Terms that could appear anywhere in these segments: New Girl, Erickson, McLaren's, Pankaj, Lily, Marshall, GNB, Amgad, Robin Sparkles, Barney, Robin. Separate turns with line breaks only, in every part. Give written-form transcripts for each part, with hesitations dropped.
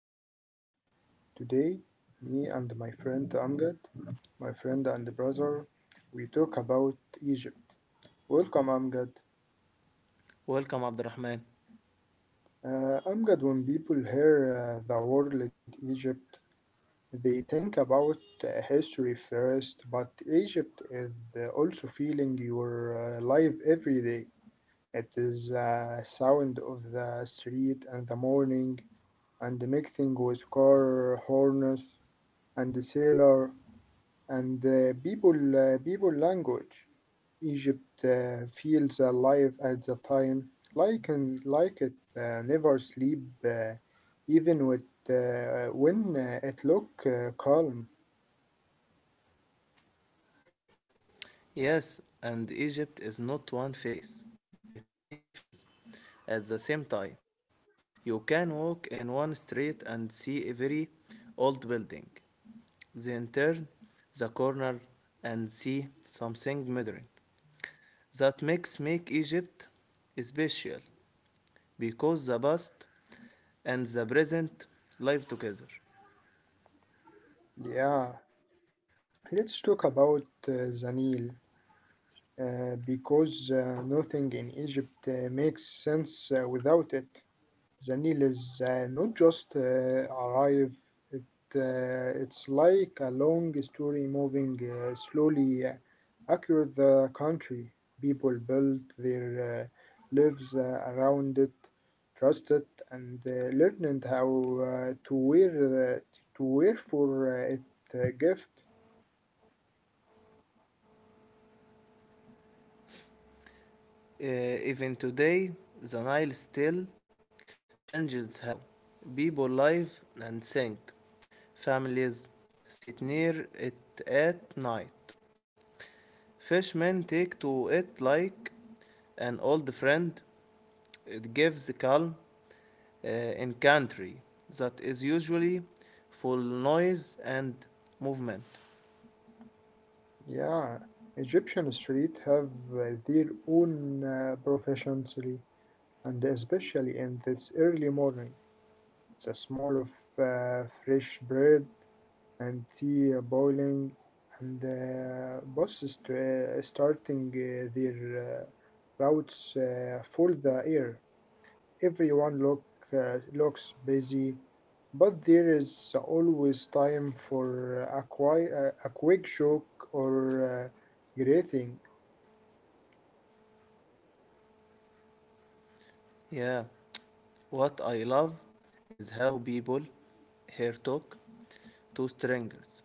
new episode. Today, me and my friend Amgad, my friend and brother, we talk about Egypt. Welcome Amgad.
Welcome,
Amgad, when
Abdurrahman.
people hear the word like Egypt, they think about history first, but Egypt is also feeling your life every day. It is sound of the street and the morning and the mixing with car horns and the sailor and the people people language. Egypt feels alive at the time, like and like it never sleep, even with when it look calm.
Yes, and Egypt is not one face, it's many faces at the same time. You can walk in one street and see a very old building, then turn the corner and see something modern. That makes make Egypt special because the past and the present live together.
Yeah, let's talk about the Nile because nothing in Egypt makes sense without it. The Nile is not just arrive, it, it's like a long story moving slowly across the country. People built their lives around it, trust it, and learned how to wear to wear for it gift.
Uh, even today, the Nile still changes how people live and think. Families sit near it at night. Fishermen take to it like an old friend. It gives calm in country that is usually full noise and movement.
Yeah, Egyptian street have their own proficiency, and especially in this early morning. It's a small of fresh bread and tea boiling and boss starting their routes for the air. Everyone looks busy, but there is always time for a quick joke or greeting.
Yeah. What I love is how people here talk to strangers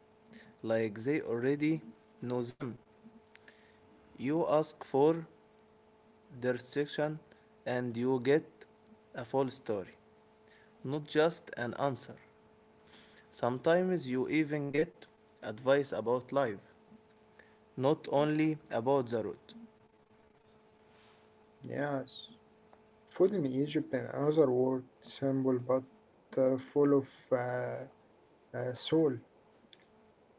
like they already know them. You ask for direction and you get a full story, not just an answer. Sometimes you even get advice about life, not only about the road.
Yes, food in Egypt and another word simple but full of soul.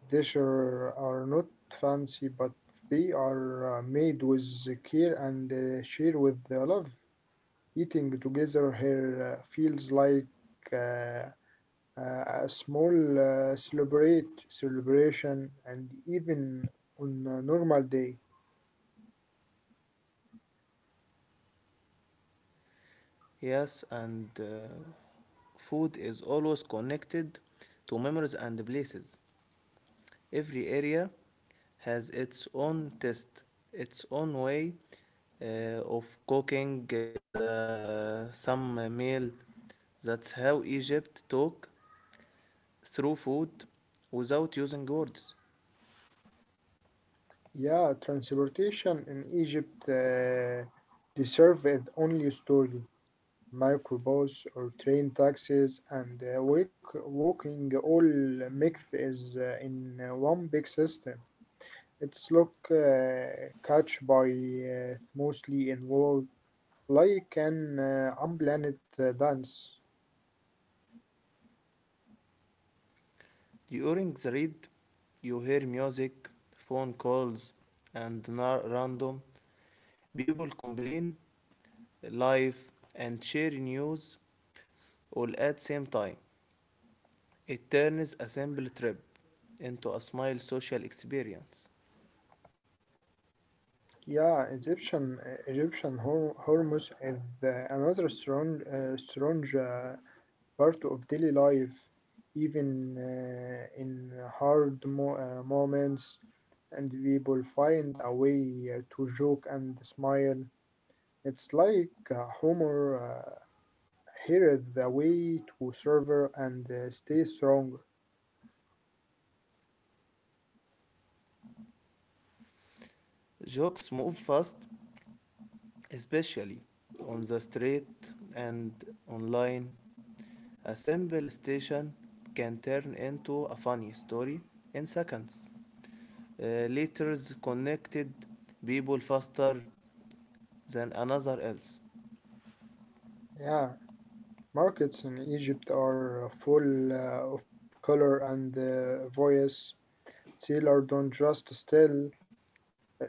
They sure are not fancy, but they are made with care and shared with the love. Eating together here feels like uh, a small celebrate celebration, and even on a normal day.
Yes, and food is always connected to memories and places. Every area has its own taste, its own way uh, of cooking the some meal. That's how Egypt talk through food without using words.
Yeah, transportation in Egypt deserve its only story. Microbus or train taxis and walking all mixed is in one big system. It's look catch by mostly involved like an unplanned dance.
During the read, you hear music, phone calls, and random people complain live and share news all at same time. It turns a simple trip into a small social experience.
Yeah, Egyptian Hormuz is another strong strange part of daily life, even in hard moments, and people find a way to joke and smile. It's like humor uh, here is the way to survive and stay strong.
Jokes move fast, especially on the street and online. A simple station can turn into a funny story in seconds. Letters connected people faster than another else.
Yeah, markets in Egypt are full of color and voice. Sailors don't just sell,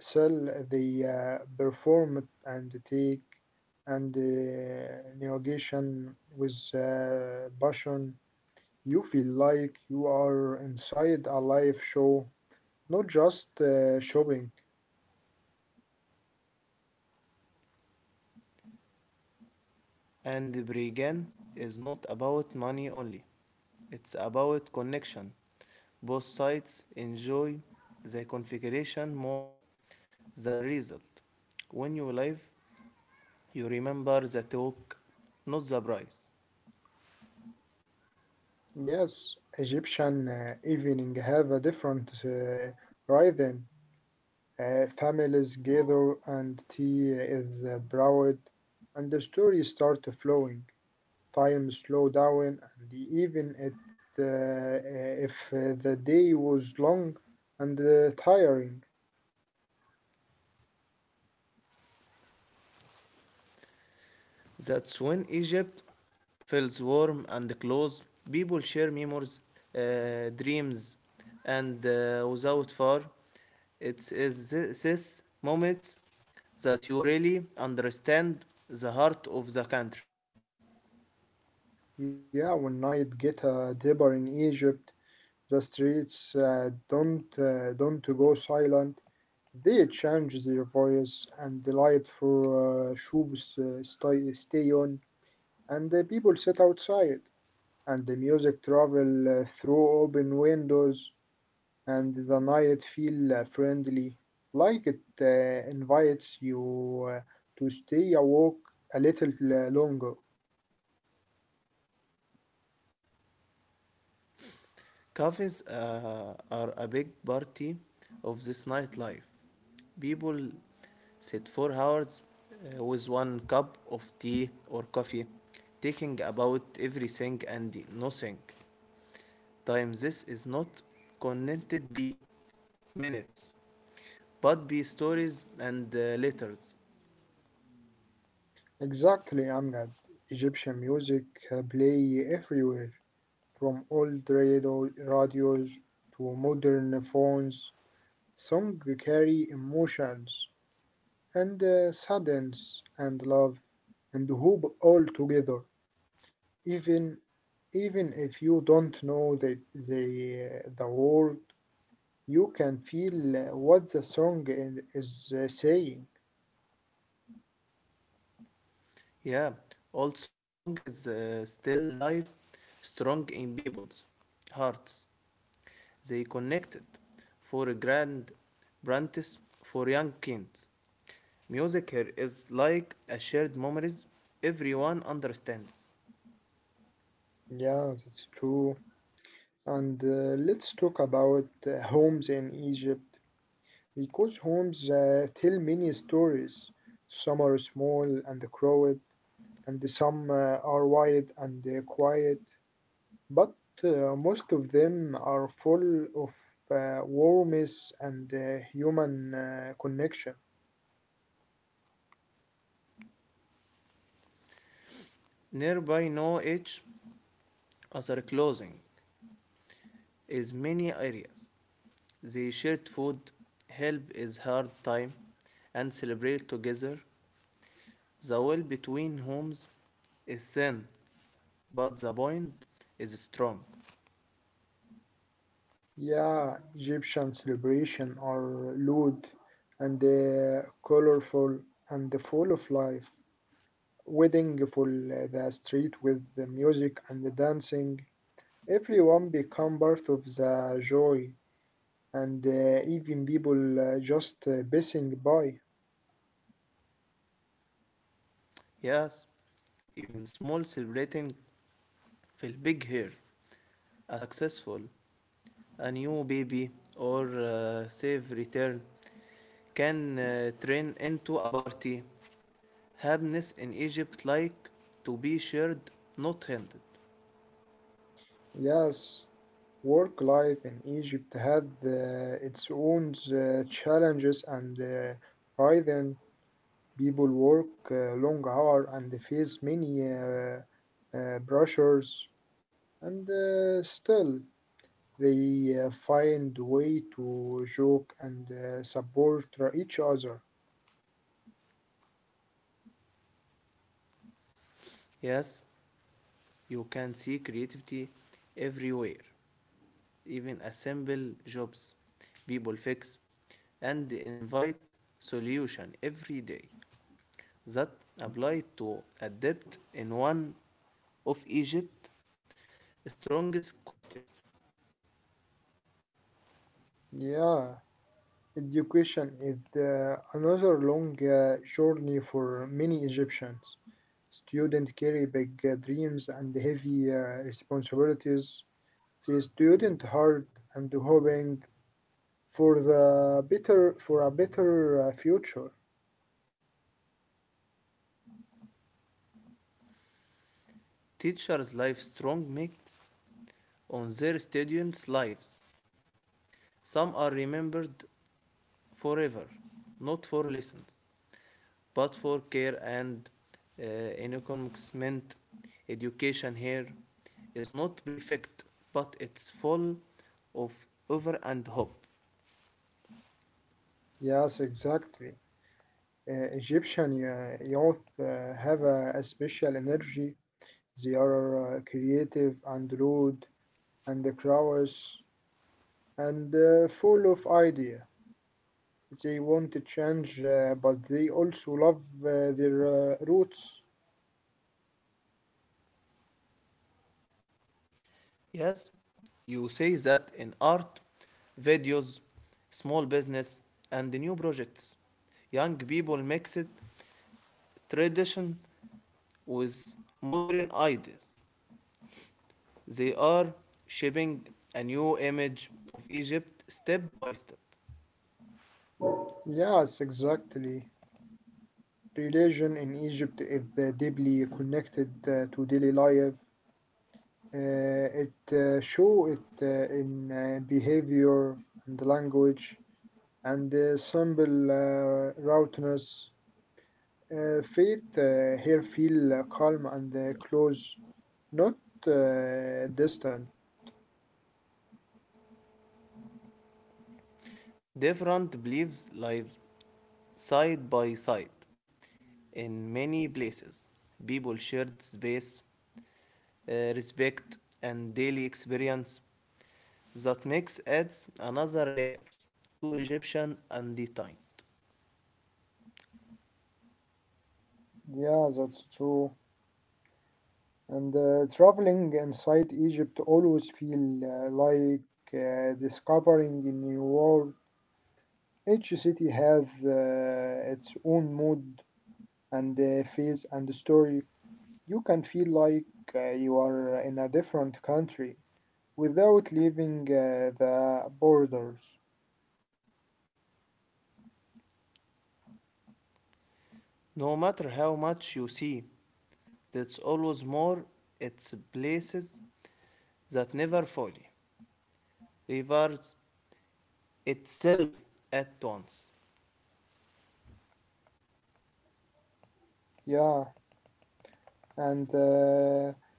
sell they perform and take and navigation with passion. You feel like you are inside a live show, not just shopping.
And brigand is not about money only. It's about connection. Both sides enjoy the configuration more than result. When you live You remember the talk, not the price.
Yes, Egyptian evening have a different rhythm. Families gather and tea is brewed, and the story start flowing. Time slow down and even it, if the day was long and tiring.
That's when Egypt feels warm and close. People share memories, dreams, and without far. It is this moment that you really understand the heart of the country.
Yeah, when night get deeper in Egypt, the streets don't go silent. They change their voice and the light for shoes stay on and the people sit outside and the music travel through open windows and the night feel friendly, like it invites you to stay awoke a little longer.
Cafes are a big party of this nightlife. People sit for hours with one cup of tea or coffee, talking about everything and nothing. Time this is not connected be minutes, but be stories and letters.
Exactly, Amgad. Egyptian music play everywhere, from old radios to modern phones. Songs carry emotions and sadness and love and hope all together, even even if you don't know the word. You can feel what the song is saying.
Yeah, old song is still live, strong in people's hearts. They connected for a grand apprentice for young kids. Music here is like a shared memories everyone understands.
Yeah, that's true. And let's talk about homes in Egypt because homes tell many stories. Some are small and crowded, and some are wide and quiet, but most of them are full of warmth and human connection.
Nearby know each other closing is many areas. They shared food, help is hard time, and celebrate together. The wall between homes is thin, but the bond is strong.
Yeah, Egyptian celebration are loud and colorful and full of life. Wedding full the street with the music and the dancing. Everyone become part of the joy, and even people just passing by.
Yes, even small celebrating feel big here. A successful, a new baby, or safe return can turn into a party. Happiness in Egypt like to be shared, not handed.
Yes, work life in Egypt had its own challenges and pride people work long hour and face many brochures, and still they find way to joke and support each other.
Yes, you can see creativity everywhere, even assemble jobs people fix and invite solution every day that apply to adept in one of Egypt's strongest qualities.
Yeah, education is another long journey for many Egyptians. Students carry big dreams and heavy responsibilities. The student hard and hoping for a better future.
Teachers lives strong makes on their students' lives. Some are remembered forever, not for lessons, but for care and uh, encouragement. Education here is not perfect, but it's full of over and hope.
Yes, exactly. Egyptian youth have a special energy. They are creative and rude and curious and full of idea. They want to change, but they also love their roots.
Yes, you say that in art, videos, small business, and new projects. Young people mix it tradition with modern ideas. They are shaping a new image of Egypt step by step.
Yes, exactly. Religion in Egypt is deeply connected to daily life. It show it in behavior and language. And simple roundness. Faith here feel calm and close, not distant.
Different beliefs live side by side. In many places, people shared space, respect, and daily experience that makes adds another layer to Egyptian undefined.
Yeah, that's true. And traveling inside Egypt always feel like discovering a new world. Each city has its own mood and phase and story. You can feel like you are in a different country without leaving the borders.
No matter how much you see, that's always more its places that never fully reveals itself at once.
Yeah, and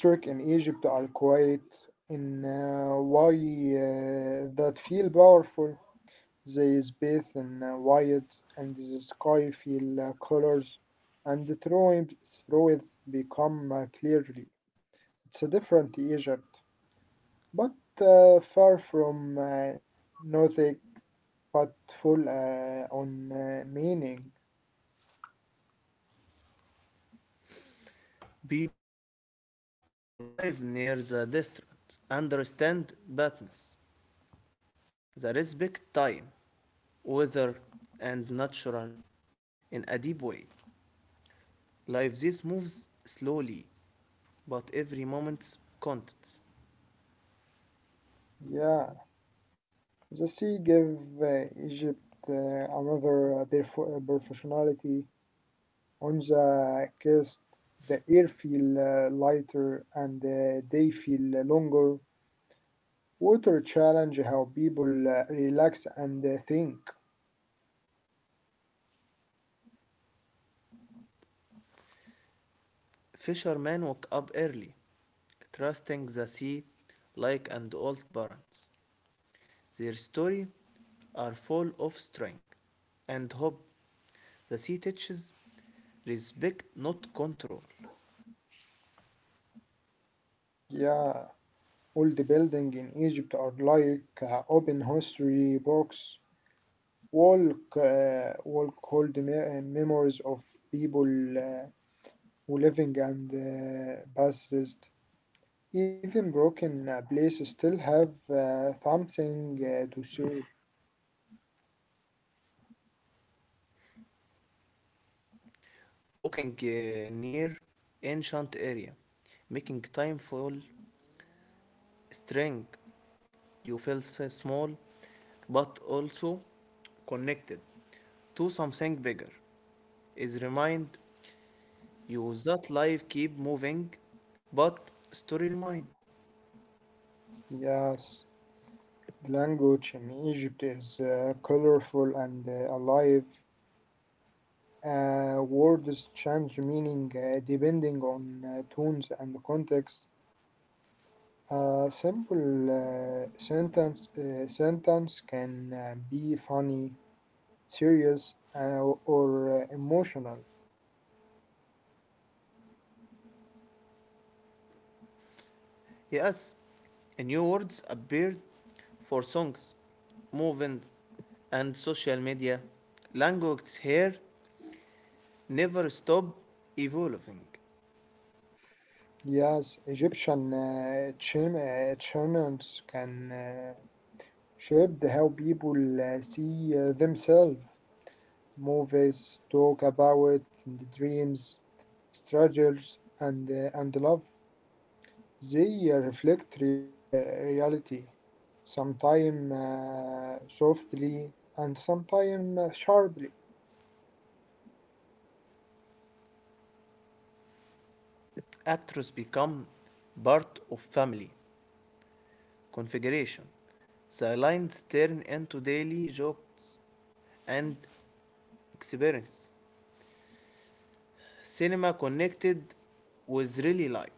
districts in Egypt are quite in why that feel powerful. They bathe in white, and the sky feel colors, and through it become clearly. It's a different Egypt, but far from nothing, but full on meaning.
People who live near the district understand badness, the respect time, weather, and natural in a deep way. Life this moves slowly, but every moment counts.
Yeah. The sea gave Egypt another professionality on the coast. The air feel lighter and the day feel longer. Water challenge how people relax and think.
Fishermen woke up early, trusting the sea like an old parents. Their story are full of strength and hope. The sea teaches respect, not control.
Yeah, all the building in Egypt are like open history books. Walk hold memories of people uh, who living and past. Even broken places still have something to say.
Walking near ancient area, making time feel strength. You feel so small, but also connected to something bigger. Is remind you that life keep moving, but story remind.
Yes, the language in Egypt is colorful and alive. Words change meaning depending on tones and context. A simple sentence can be funny, serious, or emotional.
Yes, new words appeared for songs, movement, and social media. Language here never stop evolving.
Yes, Egyptian chants can shaped how people see themselves. Movies talk about the dreams, struggles, and love. They reflect reality, sometimes softly and sometimes sharply.
Actors become part of family configuration. The lines turn into daily jokes and experience. Cinema connected with really life.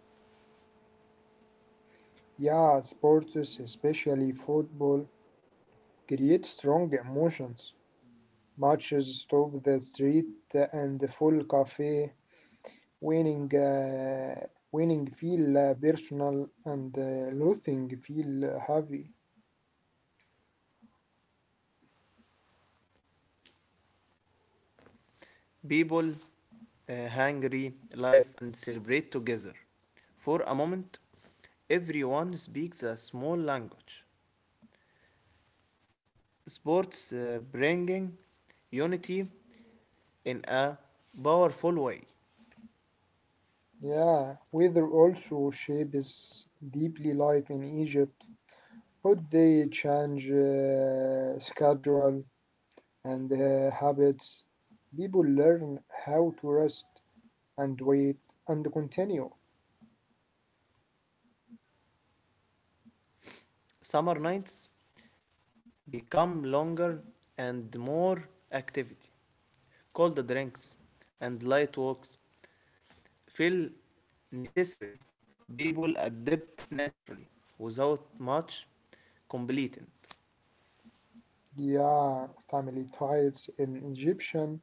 Yeah, sports, especially football, create strong emotions. Matches stop the street and the full cafe winning winning feel personal and losing feel heavy.
People hungry, live, and celebrate together. For a moment, everyone speaks a small language. Sports bringing unity in a powerful way.
Yeah, weather also shapes deeply life in Egypt. Hot day change schedule and habits. People learn how to rest and wait and continue.
Summer nights become longer and more activity. Cold drinks and light walks feel necessary. People adapt naturally without much completing.
Yeah, family ties in Egyptian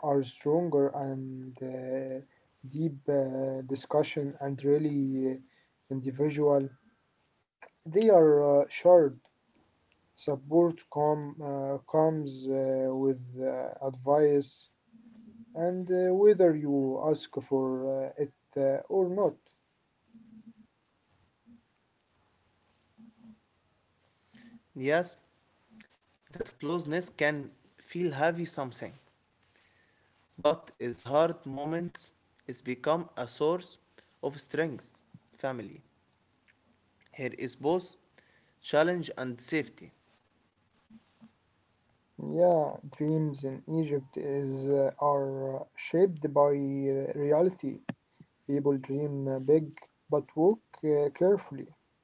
are stronger and deep discussion and really individual. They are shared. Support comes with advice, and whether you ask for it or not.
Yes, that closeness can feel heavy something, but is hard moments is become a source of strength. Family. Here is both challenge and safety.
Yeah, dreams in Egypt is are shaped by reality. People dream big, but walk carefully,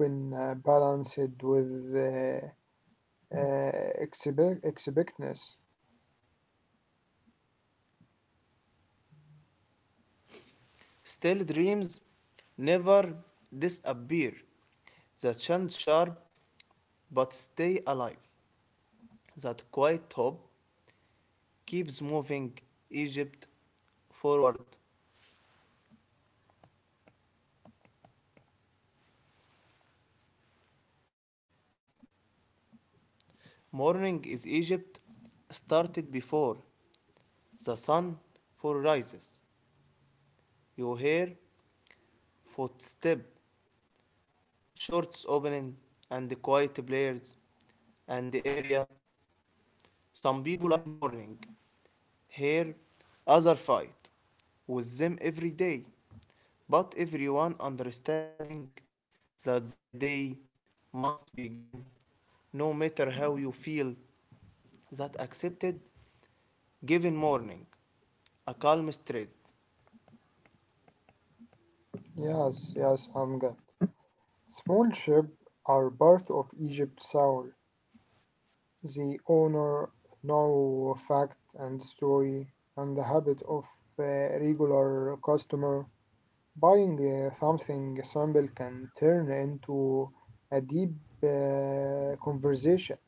who been balanced with expectness.
Still dreams never disappear. The chant sharp but stay alive. That quiet hope keeps moving Egypt forward. Morning is Egypt started before the sun for rises. You hear footsteps, shorts opening, and the quiet players, and the area. Some people live morning, here, other fight with them every day, but everyone understanding that the day must begin, no matter how you feel. That accepted, given morning, a calm stress.
Yes, yes, I'm good. Small ships are part of Egypt's soul. They honor no fact and story and the habit of a regular customer. Buying something simple can turn into a deep conversation.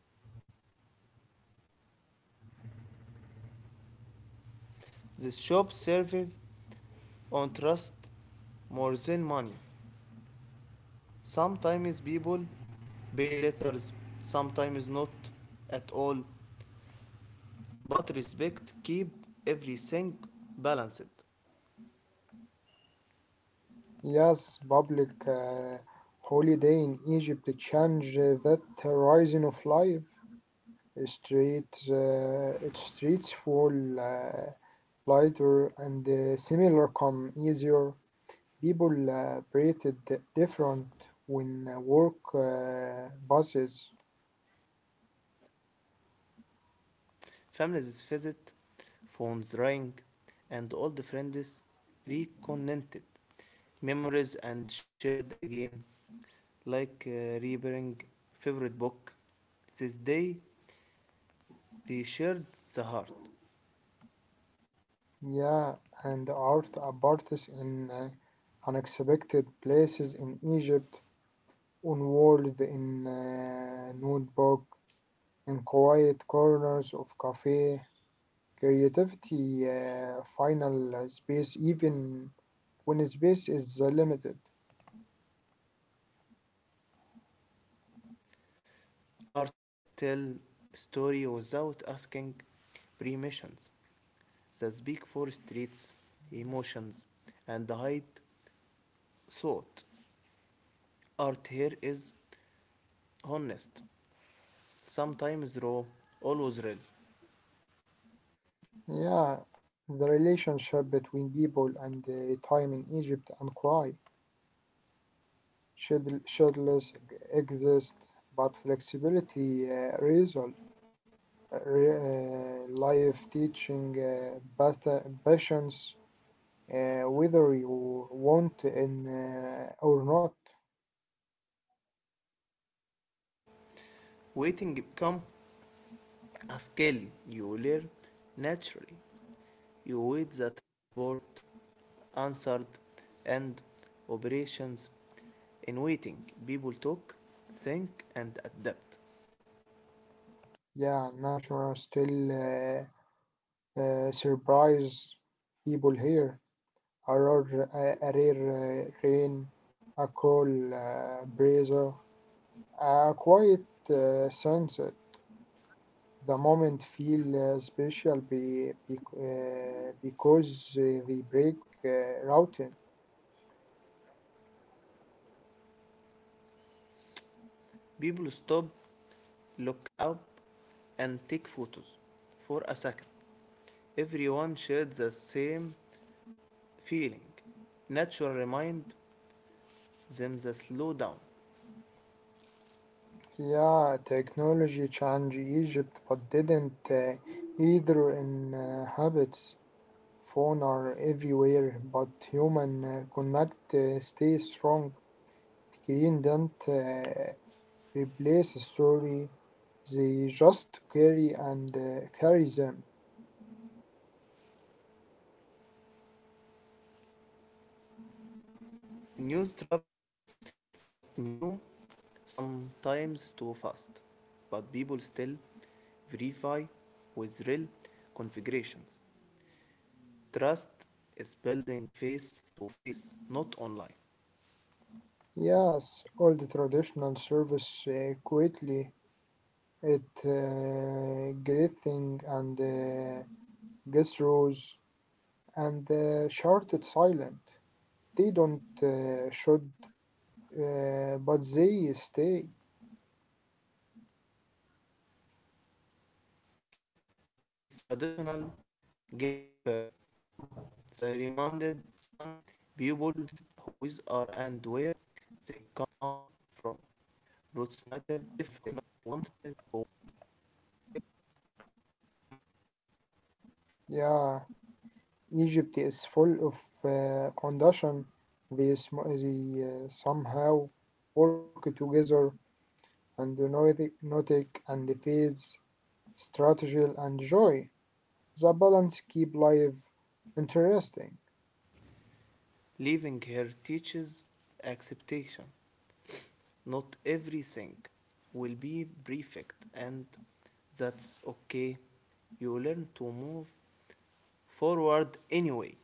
The shop served on trust more than money. Sometimes people pay letters, sometimes not at all, but respect keep everything balanced.
Yes, public holiday in Egypt changed that horizon of life. Its streets full lighter and similar come easier. People breathed different when work buses.
Families visit, phones ring, and old friends reconnected. Memories and shared again, like reburying favorite book. This day reshared the heart.
Yeah, and art apartists in unexpected places in Egypt, on walls in notebook, in quiet corners of cafe, creativity final space even when space is limited.
Artists tell story without asking permissions. The speak for streets, emotions, and hide thought. Art here is honest, sometimes raw, always real.
Yeah, the relationship between people and time in Egypt and Kwai should shadowless exist, but flexibility result. Life teaching passions, whether you want in or not.
Waiting become a skill you learn naturally. You wait the transport, answered, and operations. In waiting, people talk, think, and adapt.
Yeah, nature still surprise people here. A rare rain, a cool breeze, a quiet sunset. The moment feel special because they break routine.
People stop, look up, and take photos for a second. Everyone shared the same feeling. Nature reminded them the slow down.
Yeah, technology changed Egypt, but didn't either in habits. Phones are everywhere, but human connect stay strong. Screen don't replace a story; they just carry and carry them.
News travels fast new, sometimes too fast. But people still verify with real configurations. Trust is building face to face, not online.
Yes, all the traditional service quietly it greeting and gestures and shouted silent. They don't should. But they stay.
This traditional give confirm They reminded people who is are and where they come from. Roots matter,
Yeah, Egypt is full of condition. They somehow work together and notic and phase, strategy and joy. The balance keep life interesting.
leaving her teaches acceptation. Not everything will be perfect, and that's okay. You learn to move forward anyway.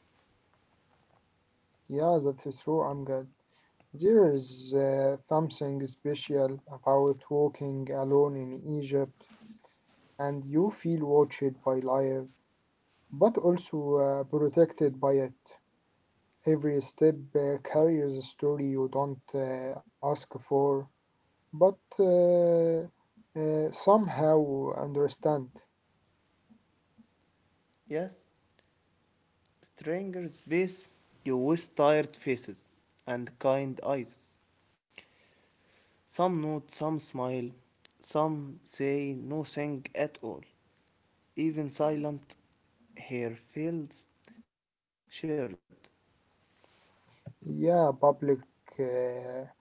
Yeah, that's true, I'm good. There is something special about walking alone in Egypt, and you feel watched by life, but also protected by it. Every step carries a story you don't ask for, but somehow understand.
Yes, Strangers face you with tired faces and kind eyes. Some nod, some smile, some say nothing at all. Even silent hair feels shared.
Yeah, uh,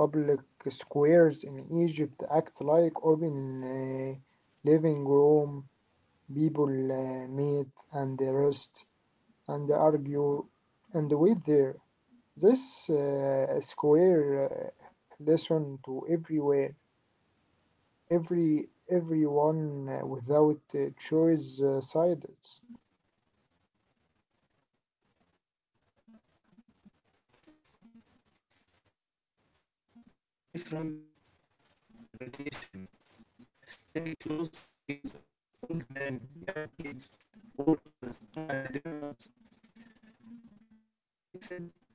public squares in Egypt act like open living room. People meet and they roast and they argue and they wait there. This square lesson to everywhere, everyone without choice sides.
You see different gradation staying close together. Old men, young kids, workers, and dreamers. Time mixed freely in these spaces.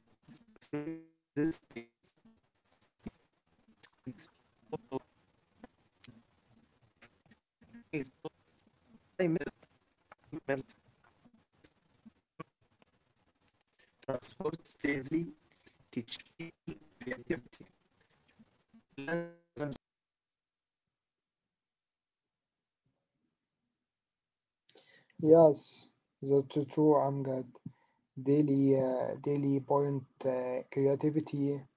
Transports daily teach people creativity. Plans changes,
Yes, that's true. I'm good. Daily point creativity,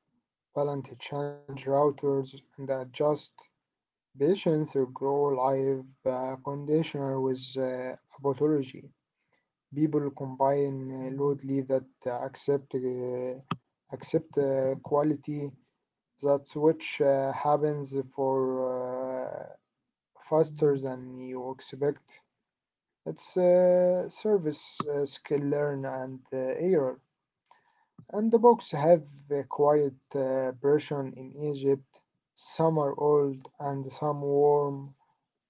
balance, change routers, and adjust. Patience grow live conditional with pathology. People combine loudly that accept quality that which happens for uh, faster than you expect. It's service skill learn and error. And the books have a quiet version in Egypt. Some are old and some warm,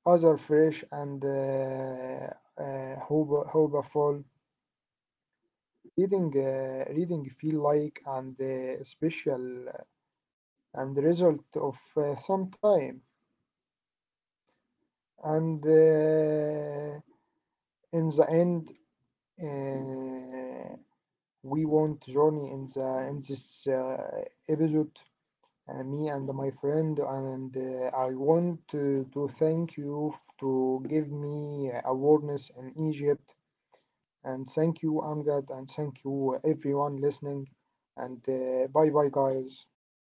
other fresh and hopeful. Reading feel like and special and result of some time. And in the end, uh, we want journey in this episode. Me and my friend, and I want to thank you to give me awareness in Egypt. And thank you, Amgad, and thank you, everyone listening. And bye bye, guys.